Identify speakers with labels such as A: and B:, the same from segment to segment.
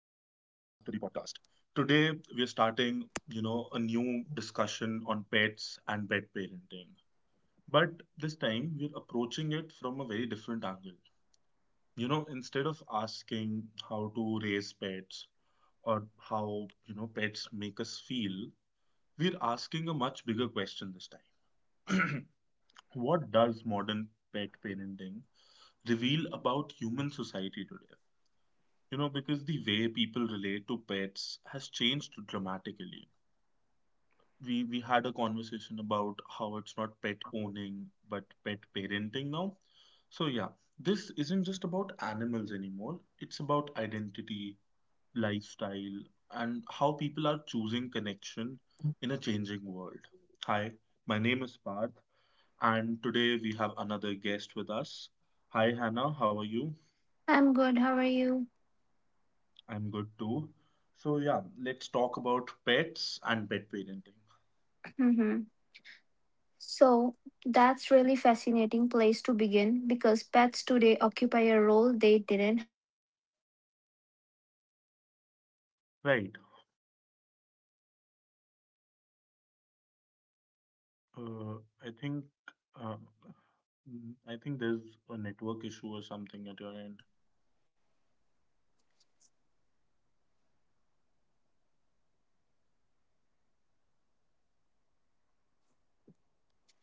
A: the podcast. Today, we are starting, a new discussion on pets and pet parenting. But this time, we're approaching it from a very different angle. Instead of asking how to raise pets or how, pets make us feel, we're asking a much bigger question this time. What does modern pet parenting reveal about human society today? Because the way people relate to pets has changed dramatically. We had a conversation about how it's not pet owning but pet parenting now. So, yeah, this isn't just about animals anymore. It's about identity, lifestyle, and how people are choosing connection in a changing world. Hi, my name is Parth, and today we have another guest with us. Hi, Hannah, how are you?
B: I'm good. How are you?
A: I'm good too. So, yeah, let's talk about pets and pet parenting.
B: Hmm. So that's really fascinating place to begin because pets today occupy a role they didn't have before. They are no longer just companion
A: Right.
B: or helpers. They have become emotional anchors,
A: Uh, I
B: social
A: think
B: symbols, and
A: uh,
B: even identity
A: mm,
B: markers.
A: I think there's a network issue or something at your end.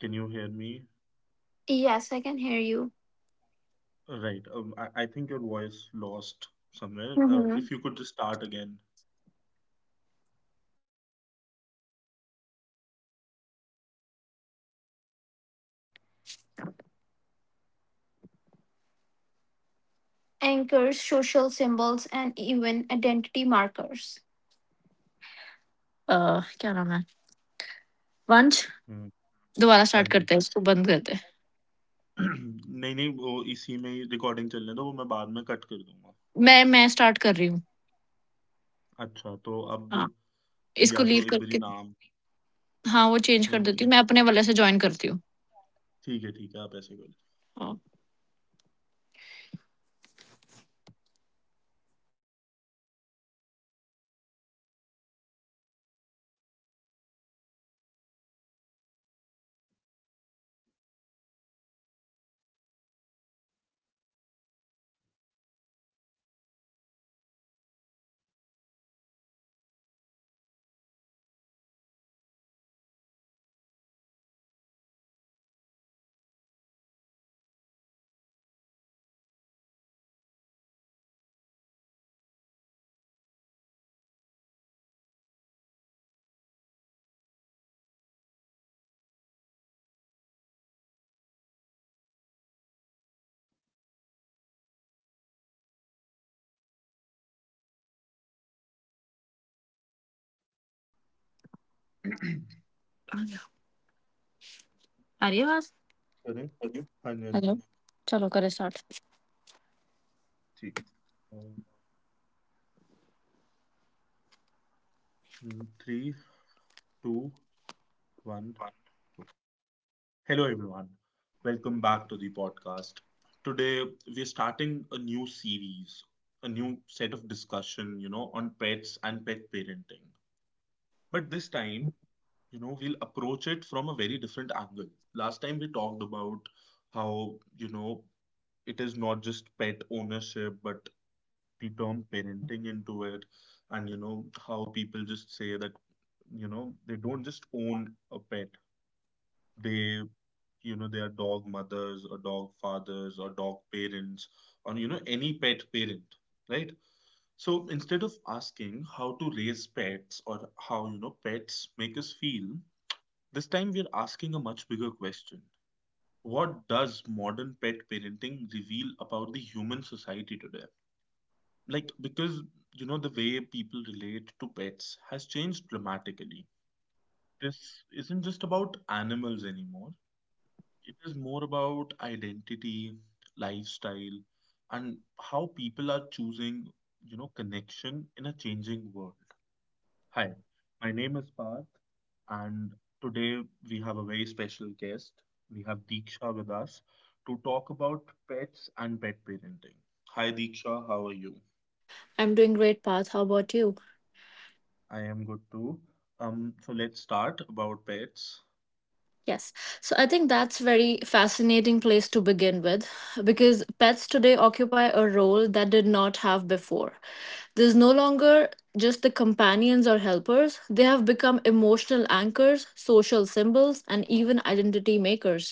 A: Can you hear me?
B: Yes, I can hear you.
A: Right. I think your voice lost somewhere.
B: Mm-hmm.
A: If you could just start again.
B: Anchors, social symbols, and even identity markers. क्या नाम है वंश?
A: हम्म,
B: दोबारा
A: हाँ
B: start
A: जी
B: करते हैं, इसको बंद करते हैं।
A: नहीं नहीं वो इसी में ही रिकॉर्डिंग चलने दो वो मैं बाद में कट कर दूंगा।
B: मैं स्टार्ट कर रही
A: अच्छा तो अब
B: हूँ,
A: फिर
B: इसको
A: या
B: लीव
A: तो एक बारी
B: करके।
A: नाम
B: हाँ, वो चेंज कर
A: नहीं नहीं
B: देती हूँ, मैं अपने वाले से जॉइन करती हूँ।
A: ठीक है आप ऐसे
B: हाँ।
A: करो
C: Arivas.
A: करें हाँ
C: Hello.
A: जी,
C: Chalo, kare start.
A: ठीक है। Three, two, one. Hello, everyone. Welcome back to the podcast. Today, we're starting a new series, a new set of discussion, on pets and pet parenting. But this time, we'll approach it from a very different angle. Last time, we talked about how, it is not just pet ownership, but the term parenting into it. And how people just say that they don't just own a pet, they you know they are dog mothers or dog fathers or dog parents or any pet parent. Right. So instead of asking how to raise pets or how pets make us feel, this time we're asking a much bigger question. What does modern pet parenting reveal about the human society today? Like, because the way people relate to pets has changed dramatically. This isn't just about animals anymore. It is more about identity, lifestyle, and how people are choosing, connection in a changing world. Hi, my name is Parth, and today we have a very special guest. We have Deeksha with us to talk about pets and pet parenting. Hi, Deeksha, how are you?
C: I'm doing great, Path. How about you?
A: I am good too. So let's start about pets.
C: Yes. So I think that's very fascinating place to begin with because pets today occupy a role that did not have before. There's no longer just the companions or helpers. They have become emotional anchors, social symbols, and even identity makers.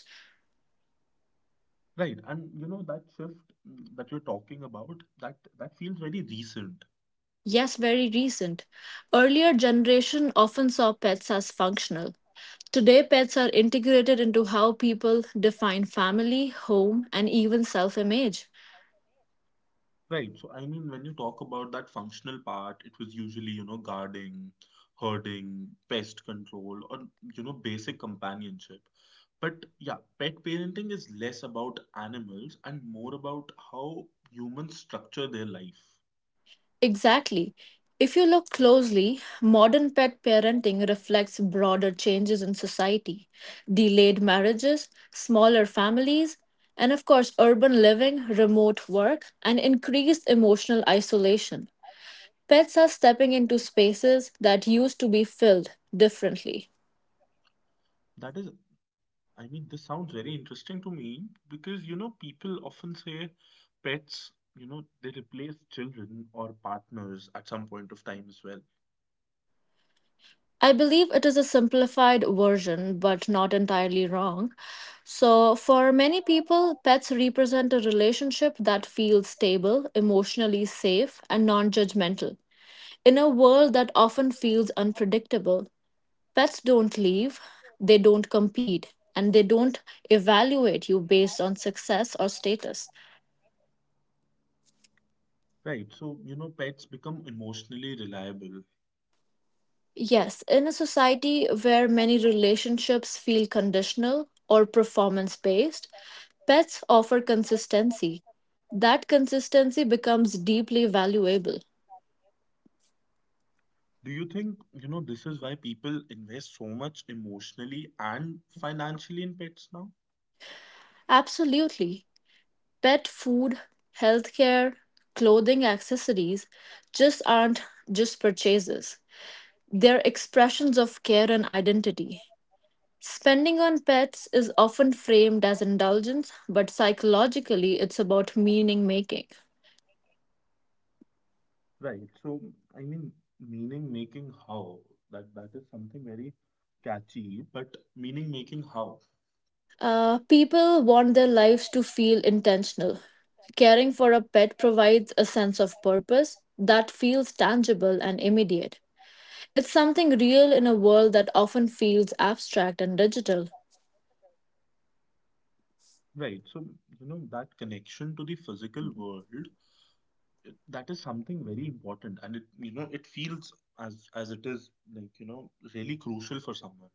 A: Right, and you know that shift that you're talking about, that feels very recent,
C: Yes, very recent. Earlier generation often saw pets as functional. Today, pets are integrated into how people define family, home, and even self image.
A: right? So I mean, when you talk about that functional part, it was usually, guarding, herding, pest control, or basic companionship. But yeah, pet parenting is less about animals and more about how humans structure their life.
C: Exactly. If you look closely, modern pet parenting reflects broader changes in society delayed marriages, smaller families, and of course, urban living, remote work, and increased emotional isolation. Pets are stepping into spaces that used to be filled differently.
A: That is I mean, this sounds very interesting to me because, people often say pets, they replace children or partners at some point of time as well.
C: I believe it is a simplified version, but not entirely wrong. So, for many people, pets represent a relationship that feels stable, emotionally safe, and non judgmental. In a world that often feels unpredictable, pets don't leave, they don't compete, and they don't evaluate you based on success or status.
A: Right. So, pets become emotionally reliable.
C: Yes, in a society where many relationships feel conditional or performance based, pets offer consistency. That consistency becomes deeply valuable.
A: Do you think, this is why people invest so much emotionally and financially in pets now?
C: Absolutely. Pet food, healthcare, clothing, accessories just aren't just purchases. They're expressions of care and identity. Spending on pets is often framed as indulgence, but psychologically it's about meaning making.
A: Right. So, I mean, meaning making how that is something very catchy, but meaning making how?
C: People want their lives to feel intentional. Caring for a pet provides a sense of purpose that feels tangible and immediate. It's something real in a world that often feels abstract and digital.
A: Right. So, that connection to the physical world, that is something very important. And it feels as it is like, really crucial for someone.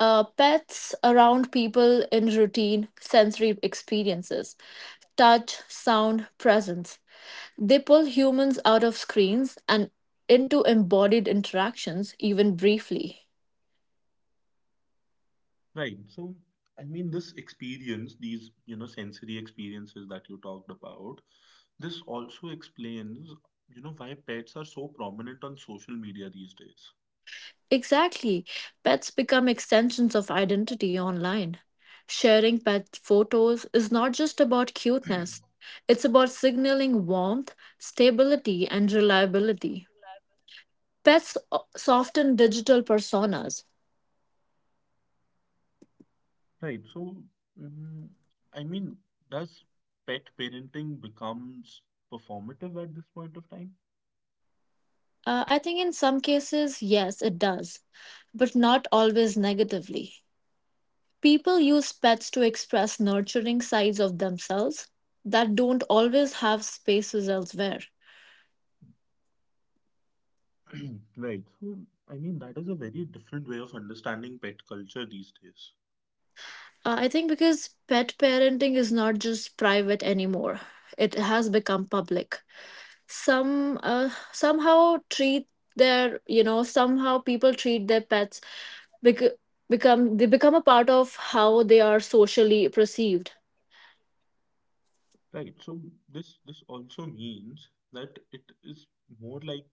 C: Pets around people in routine sensory experiences touch, sound, presence. They pull humans out of screens and into embodied interactions, even briefly.
A: Right. So, I mean, this experience, these, sensory experiences that you talked about, this also explains, why pets are so prominent on social media these days.
C: Exactly. Pets become extensions of identity online. Sharing pet photos is not just about cuteness, it's about signaling warmth, stability, and reliability. Pets soften digital personas.
A: Right. So, mm, I mean, does pet parenting becomes performative at this point of time?
C: I think in some cases, yes, it does, but not always negatively. People use pets to express nurturing sides of themselves that don't always have spaces elsewhere.
A: Right. So, I mean, that is a very different way of understanding pet culture these days.
C: I think because pet parenting is not just private anymore. It has become public. Some somehow treat their, somehow people treat their pets bec- become they become a part of how they are socially perceived.
A: Right. So this also means that it is more like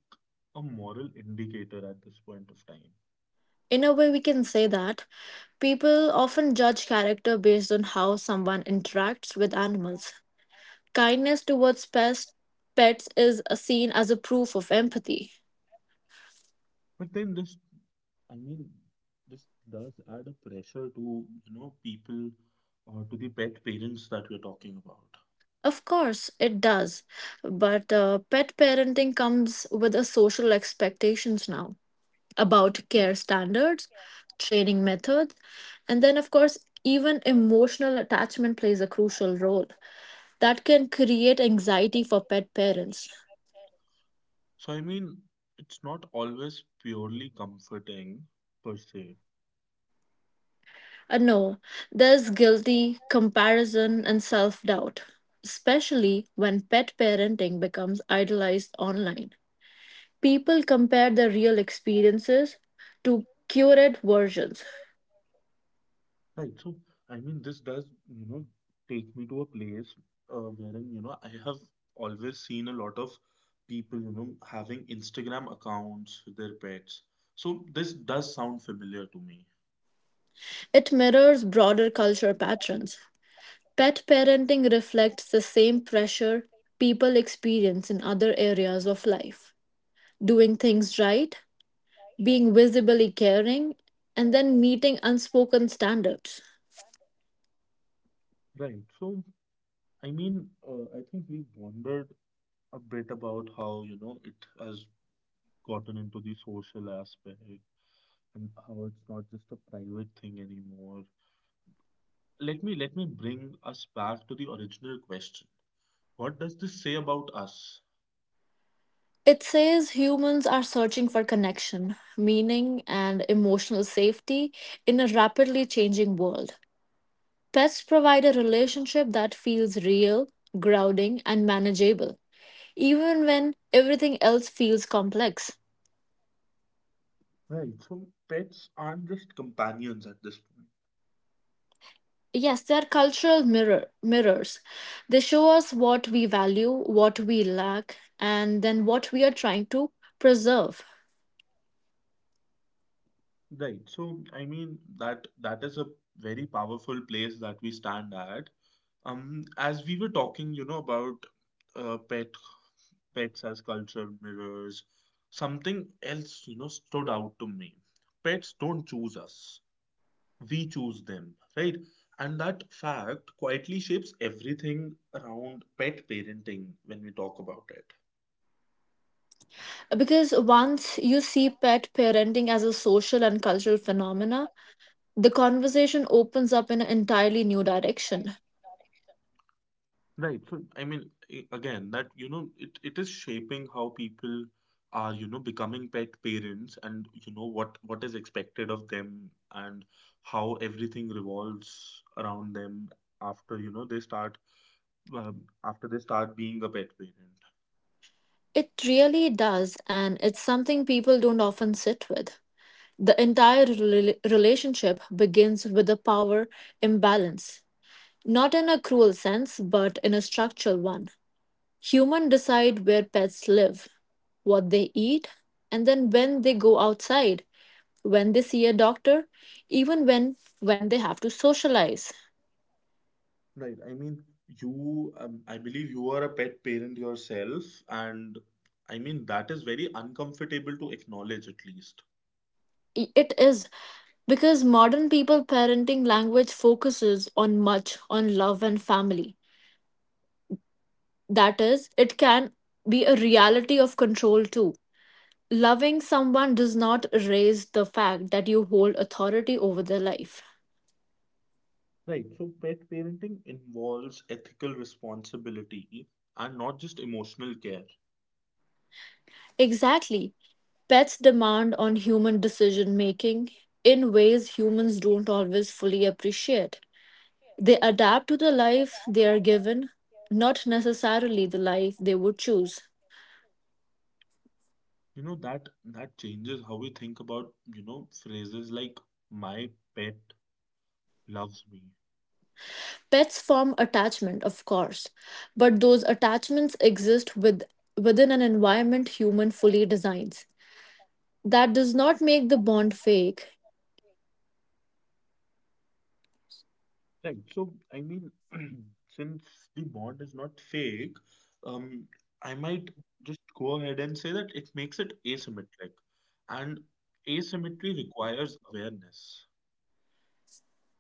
A: a moral indicator at this point of time.
C: In a way we can say that people often judge character based on how someone interacts with animals. Kindness towards pets is seen as a proof of empathy.
A: But then this, I mean, this does add a pressure to, people or to the pet parents that we're talking about.
C: Of course, it does. But pet parenting comes with a social expectations now about care standards, training methods, and then of course even emotional attachment plays a crucial role that can create anxiety for pet parents.
A: So, I mean, it's not always purely comforting per se.
C: No, there's guilty, comparison, and self doubt, especially when pet parenting becomes idolized online. People compare their real experiences to curated versions.
A: Right. So, I mean, this does, take me to a place wherein, I have always seen a lot of people, having Instagram accounts with their pets. So, this does sound familiar to me.
C: It mirrors broader culture patterns. Pet parenting reflects the same pressure people experience in other areas of life. Doing things right, being visibly caring, and then meeting unspoken standards.
A: Right. So, I mean, I think we wondered a bit about how, it has gotten into the social aspect and how it's not just a private thing anymore. Let me bring us back to the original question. What does this say about us?
C: It says humans are searching for connection, meaning, and emotional safety in a rapidly changing world. Pets provide a relationship that feels real, grounding, and manageable, even when everything else feels complex.
A: Right. So pets aren't just companions at this point.
C: Yes, they are cultural mirrors. They show us what we value, what we lack, and then what we are trying to preserve.
A: Right. So I mean that is a very powerful place that we stand at. As we were talking, about uh, pet pets as cultural mirrors, something else, stood out to me. Pets don't choose us. We choose them, right? And that fact quietly shapes everything around pet parenting when we talk about it.
C: Because once you see pet parenting as a social and cultural phenomena, the conversation opens up in an entirely new direction.
A: Right. So, I mean, again, that, it is shaping how people are, becoming pet parents and, what is expected of them and how everything revolves around them after, they start, after they start being a pet parent.
C: It really does, and it's something people don't often sit with. The entire relationship begins with a power imbalance, not in a cruel sense, but in a structural one. Humans decide where pets live, what they eat, and then when they go outside, when they see a doctor, even when they have to socialize.
A: Right. I mean, you, I believe you are a pet parent yourself, and I mean, that is very uncomfortable to acknowledge at least.
C: It is because modern people parenting language focuses on much on love and family. That is, it can be a reality of control too. Loving someone does not erase the fact that you hold authority over their life.
A: Right. So, pet parenting involves ethical responsibility and not just emotional care.
C: Exactly. Pets demand on human decision making in ways humans don't always fully appreciate. They adapt to the life they are given, not necessarily the life they would choose.
A: You know that that changes how we think about phrases like "my pet loves me."
C: Pets form attachment, of course, but those attachments exist within an environment human fully designs. That does not make the bond fake.
A: Right. So, I mean, since the bond is not fake, um, I might just go ahead and say that it makes it asymmetric, and asymmetry requires awareness.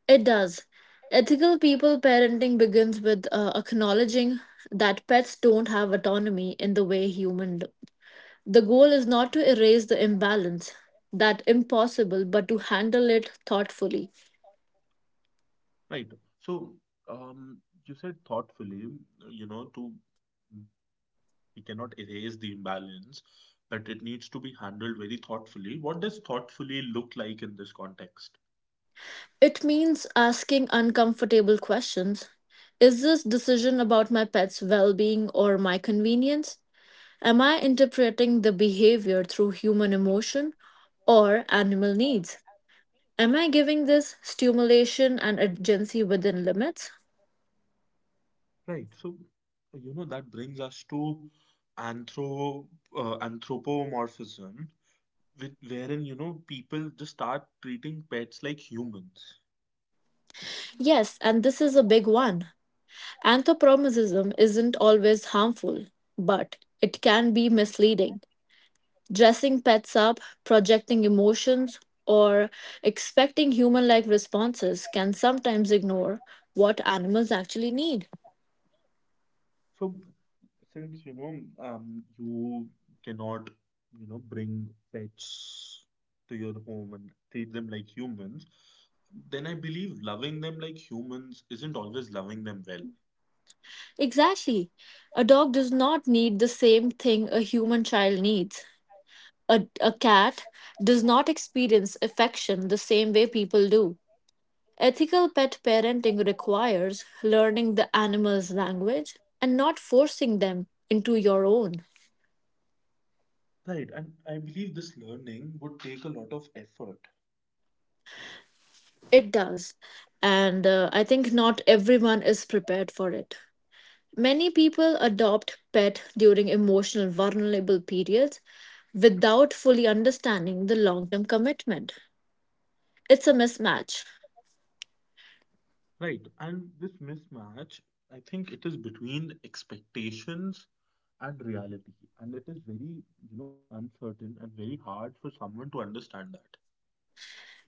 C: It does. Ethical people parenting begins with acknowledging that pets don't have autonomy in the way humans do. The goal is not to erase the imbalance, that impossible, but to handle it thoughtfully.
A: Right. So, um, you said thoughtfully, to we cannot erase the imbalance, but it needs to be handled very thoughtfully. What does thoughtfully look like in this context?
C: It means asking uncomfortable questions. Is this decision about my pet's well being or my convenience? Am I interpreting the behavior through human emotion or animal needs? Am I giving this stimulation and urgency within limits?
A: Right. So, that brings us to anthro anthropomorphism, with, wherein people just start treating pets like humans.
C: Yes, and this is a big one. Anthropomorphism isn't always harmful, but it can be misleading. Dressing pets up, projecting emotions, or expecting human like responses can sometimes ignore what animals actually need.
A: So, since you cannot, bring pets to your home and treat them like humans, then I believe loving them like humans isn't always loving them well.
C: Exactly. A dog does not need the same thing a human child needs. A cat does not experience affection the same way people do. Ethical pet parenting requires learning the animal's language and not forcing them into your own.
A: Right. And I believe this learning would take a lot of effort.
C: It does. And I think not everyone is prepared for it. Many people adopt pet during emotional vulnerable periods without fully understanding the long-term commitment. It's a mismatch.
A: Right. And this mismatch, I think it is between expectations and reality. And it is very, uncertain and very hard for someone to understand that.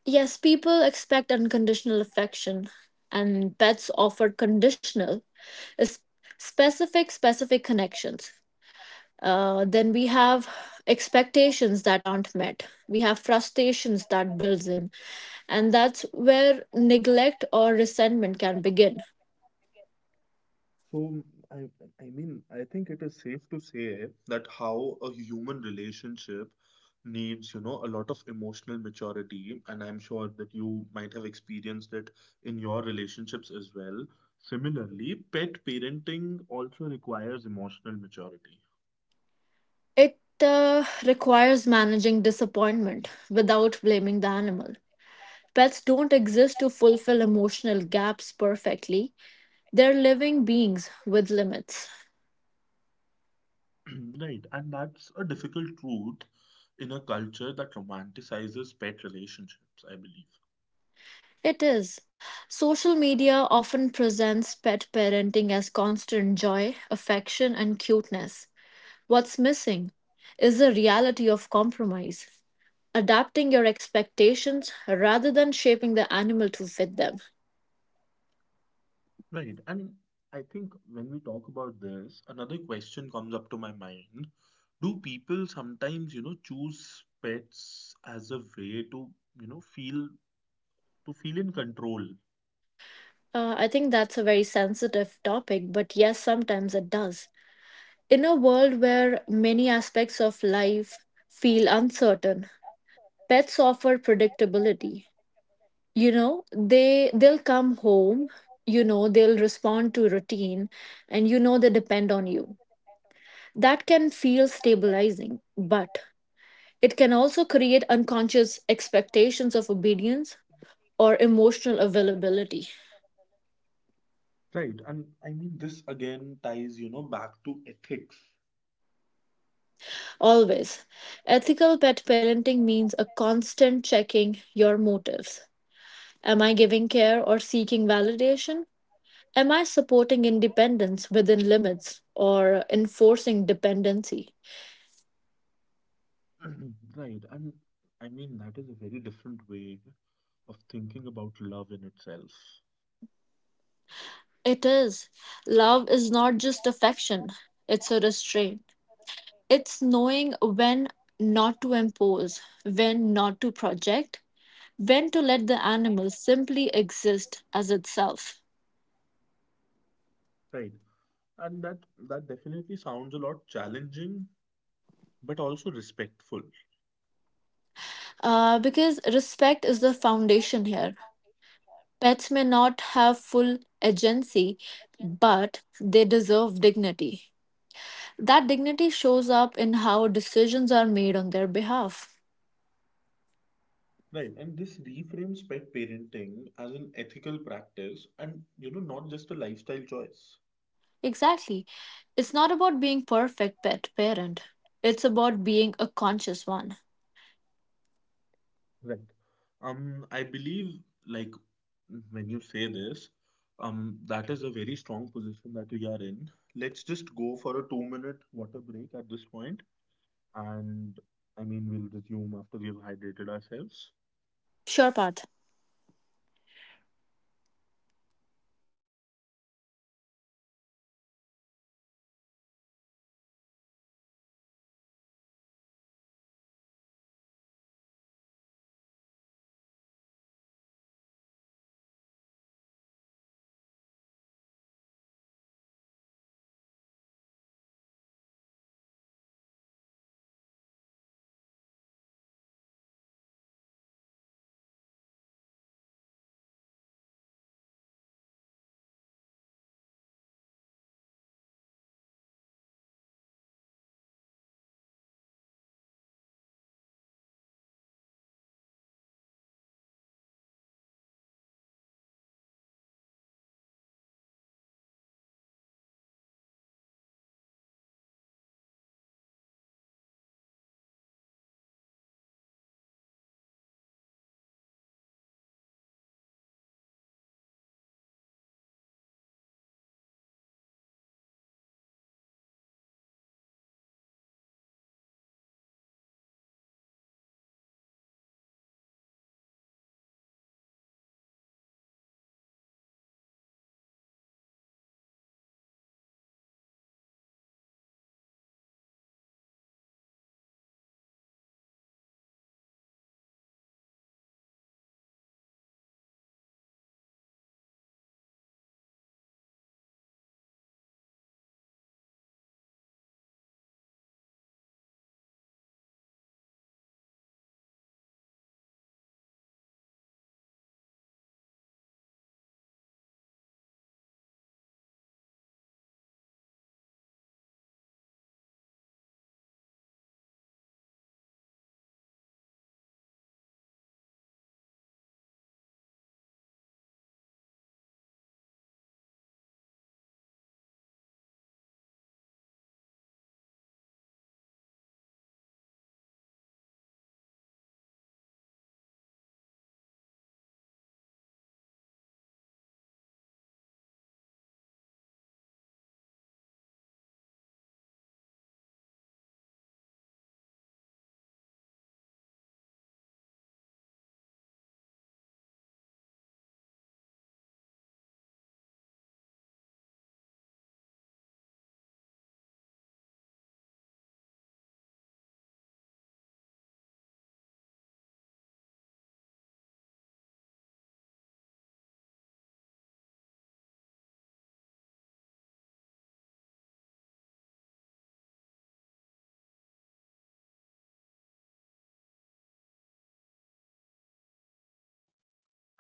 C: Yes, people expect unconditional affection, and pets offer conditional, s- specific connections. Then we have expectations that aren't met. We have frustrations that builds in, and that's where neglect or resentment can begin.
A: So, I, I mean, I think it is safe to say that how a human relationship needs, a lot of emotional maturity, and I'm sure that you might have experienced it in your relationships as well. Similarly, pet parenting also requires emotional maturity.
C: It requires managing disappointment without blaming the animal. Pets don't exist to fulfill emotional gaps perfectly. They're living beings with limits.
A: Right? And that's a difficult truth in a culture that romanticizes pet relationships, I believe.
C: It is. Social media often presents pet parenting as constant joy, affection, and cuteness. What's missing is the reality of compromise, adapting your expectations rather than shaping the animal to fit them.
A: Right. And I think when we talk about this, another question comes up to my mind. Do people sometimes, choose pets as a way to, you know, feel feel in control?
C: I think that's a very sensitive topic, but yes, sometimes it does. In a world where many aspects of life feel uncertain, pets offer predictability. They'll come home. They'll respond to routine, and they depend on you. That can feel stabilizing, but it can also create unconscious expectations of obedience or emotional availability.
A: Right. And I mean this again ties, back to ethics.
C: Always, ethical pet parenting means a constant checking your motives. Am I giving care or seeking validation? Am I supporting independence within limits or enforcing dependency?
A: Right. And I mean that is a very different way of thinking about love in itself.
C: It is. Love is not just affection, it's a restraint. It's knowing when not to impose, when not to project, when to let the animal simply exist as itself.
A: Right. And that definitely sounds a lot challenging, but also respectful.
C: Because respect is the foundation here. Pets may not have full agency, but they deserve dignity. That dignity shows up in how decisions are made on their behalf.
A: Right, and this reframes pet parenting as an ethical practice and not just a lifestyle choice.
C: Exactly. It's not about being perfect pet parent. It's about being a conscious one.
A: Right. I believe like when you say this, that is a very strong position that we are in. Let's just go for a 2-minute water break at this point, and I mean we'll resume after we've hydrated ourselves.
C: Sure, Parth.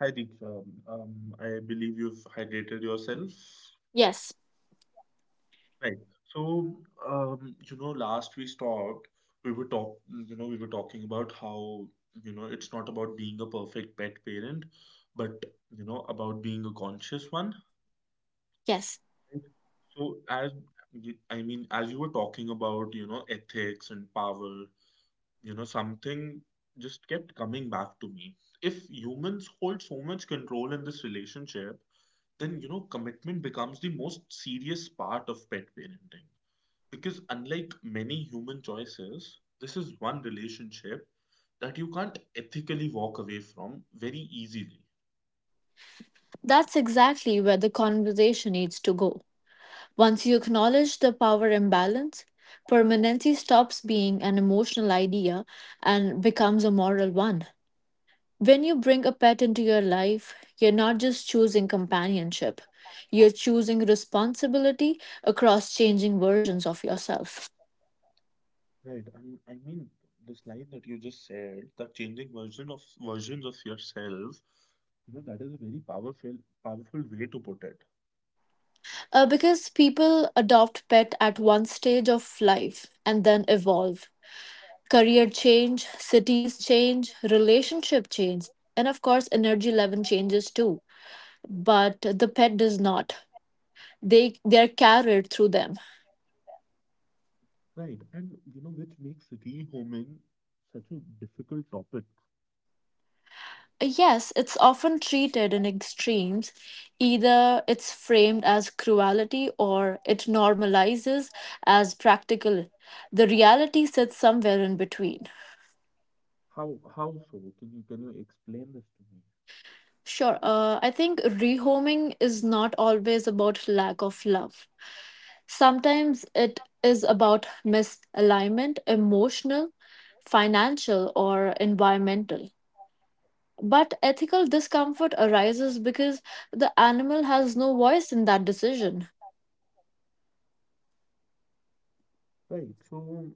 A: Hi Deeksha, I believe you've hydrated yourself.
C: Yes,
A: Right. So, last we stopped, we were talk, we were talking about how, it's not about being a perfect pet parent, but, about being a conscious one.
C: yes.
A: Right. So, as I mean, as you were talking about, ethics and power, something just kept coming back to me. If humans hold so much control in this relationship, then, commitment becomes the most serious part of pet parenting because unlike many human choices, this is one relationship that you can't ethically walk away from very easily.
C: That's exactly where the conversation needs to go. Once you acknowledge the power imbalance, permanency stops being an emotional idea and becomes a moral one. When you bring a pet into your life, you're not just choosing companionship, you're choosing responsibility across changing versions of yourself.
A: Right. And I mean this line that you just said, that changing version of versions of yourself, that is a very powerful way to put it.
C: Because people adopt pet at one stage of life and then evolve. Career change, cities change, relationship change, and of course energy level changes too. But the pet does not. They're carried through them.
A: Right. And you know, which makes rehoming such a difficult topic.
C: Yes, it's often treated in extremes. Either it's framed as cruelty or it normalizes as practical. The reality sits somewhere in between.
A: How so? Can you explain this to me?
C: Sure. I think rehoming is not always about lack of love. Sometimes it is about misalignment, emotional, financial, or environmental. But ethical discomfort arises because the animal has no voice in that decision.
A: Right. So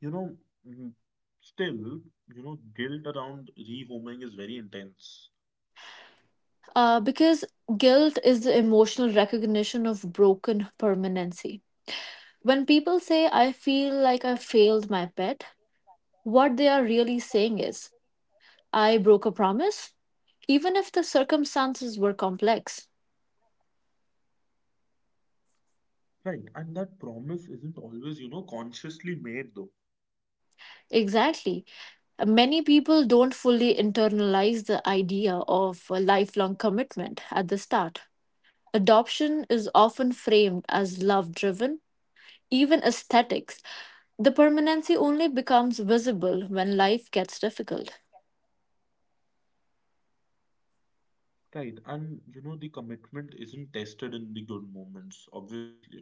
A: You know, mm, still, guilt around rehoming is very intense.
C: Because guilt is the emotional recognition of broken permanency. When people say, I feel like I failed my pet, what they are really saying is, I broke a promise, even if the circumstances were complex.
A: Right. And that promise isn't always, consciously made though.
C: Exactly. Many people don't fully internalize the idea of a lifelong commitment at the start. Adoption is often framed as love driven, even aesthetics. The permanency only becomes visible when life gets difficult.
A: Right. And, the commitment isn't tested in the good moments, obviously.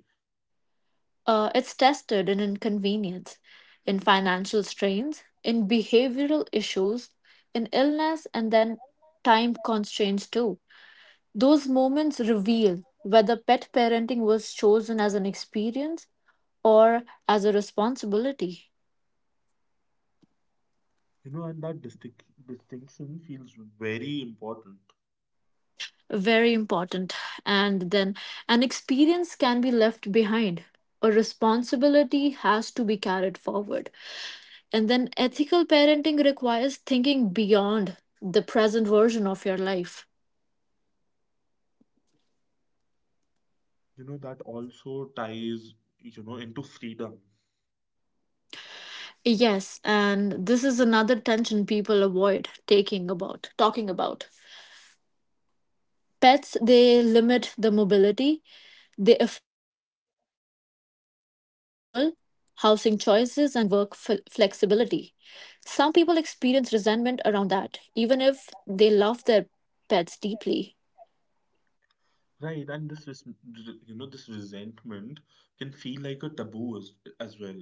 C: It's tested in inconvenience, in financial strains, in behavioral issues, in illness, and then time constraints too. Those moments reveal whether pet parenting was chosen as an experience or as a responsibility.
A: You know, and that distinction feels very important.
C: Very important. And then an experience can be left behind, a responsibility has to be carried forward. And then ethical parenting requires thinking beyond the present version of your life.
A: You know, that also ties, into freedom.
C: Yes, and this is another tension people avoid taking about talking about. Pets they limit the mobility, they affect travel, housing choices and work flexibility. Some people experience resentment around that even if they love their pets deeply.
A: Right. And this, you know, this resentment can feel like a taboo as well.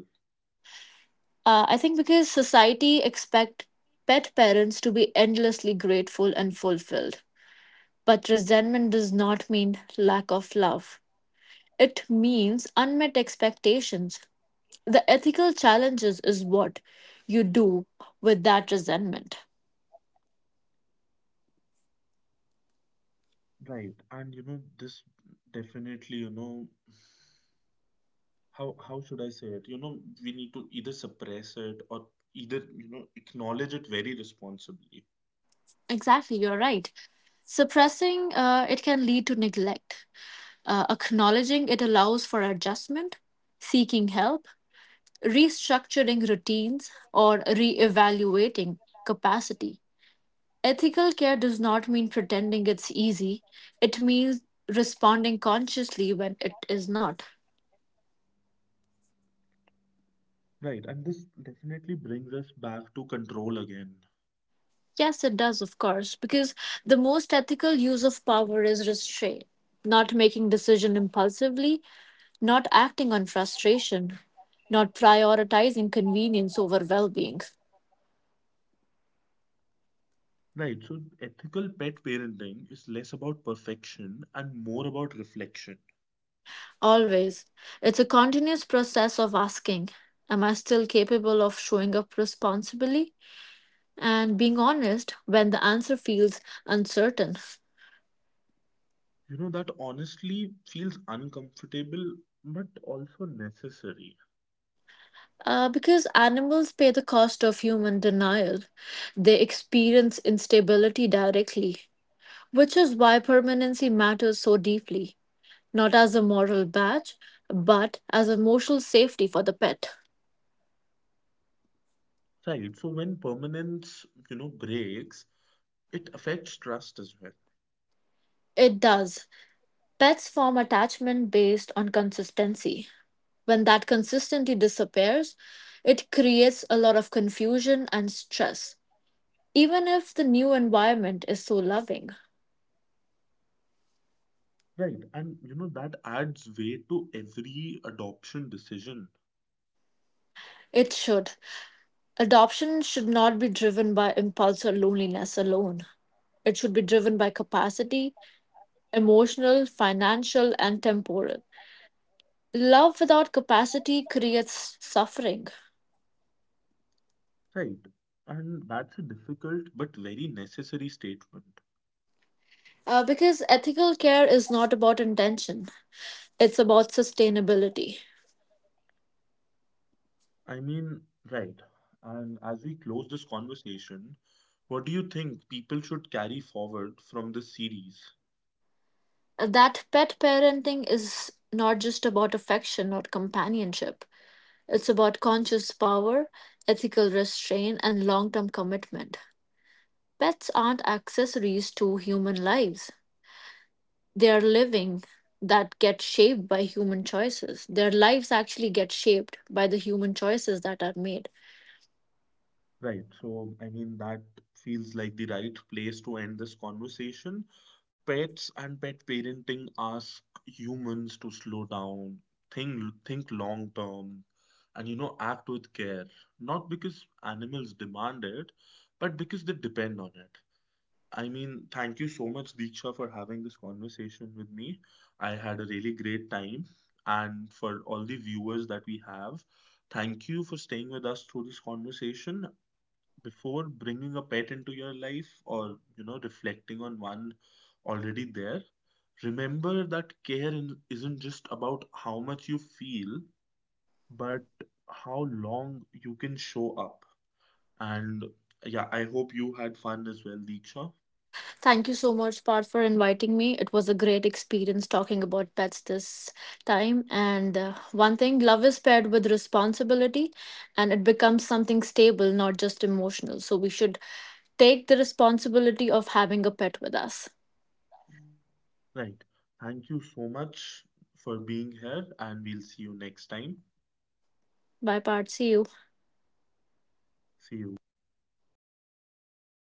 C: I think because society expect pet parents to be endlessly grateful and fulfilled. But resentment does not mean lack of love. It means unmet expectations. The ethical challenges is what you do with that resentment.
A: Right, and you know, this definitely, how should I say it? You know, we need to either suppress it or either, acknowledge it very responsibly.
C: Exactly, you're right. Suppressing it can lead to neglect. Acknowledging it allows for adjustment, seeking help, restructuring routines, or reevaluating capacity. Ethical care does not mean pretending it's easy. It means responding consciously when it is not.
A: Right, and this definitely brings us back to control again.
C: Yes, it does, of course, because the most ethical use of power is restraint, not making decision impulsively, not acting on frustration, not prioritizing convenience over well-being.
A: Right, so ethical pet parenting is less about perfection and more about reflection.
C: Always. It's a continuous process of asking, am I still capable of showing up responsibly? And being honest when the answer feels uncertain.
A: You know, that honestly feels uncomfortable but also necessary.
C: Because animals pay the cost of human denial. They experience instability directly, which is why permanency matters so deeply, not as a moral badge, but as emotional safety for the pet.
A: Right, so when permanence, breaks, it affects trust as well.
C: It does. Pets form attachment based on consistency. When that consistency disappears, it creates a lot of confusion and stress, even if the new environment is so loving.
A: Right, and you know that adds weight to every adoption decision.
C: It should. Adoption should not be driven by impulse or loneliness alone. It should be driven by capacity, emotional, financial, and temporal. Love without capacity creates suffering.
A: Right, and that's a difficult but very necessary statement.
C: Because ethical care is not about intention, it's about sustainability.
A: I mean, right, and as we close this conversation, what do you think people should carry forward from this series?
C: That pet parenting is not just about affection or companionship, it's about conscious power, ethical restraint, and long term commitment. Pets aren't accessories to human lives. Their living that get shaped by human choices. Their lives actually get shaped by the human choices that are made.
A: Right, so I mean, that feels like the right place to end this conversation. Pets and pet parenting ask humans to slow down, think long term, and you know act with care. Not because animals demand it, but because they depend on it. I mean, thank you so much, Deeksha, for having this conversation with me. I had a really great time. And for all the viewers that we have, thank you for staying with us through this conversation before bringing a pet into your life or reflecting on one already there. Remember that care isn't just about how much you feel, but how long you can show up. And yeah, I hope you had fun as well, Deeksha.
C: Thank you so much, Parth, for inviting me. It was a great experience talking about pets this time. And one thing love is paired with responsibility and it becomes something stable, not just emotional. So we should take the responsibility of having a pet with us.
A: Right, thank you so much for being here and we'll see you next time.
C: Bye, Parth. See you.
A: See you.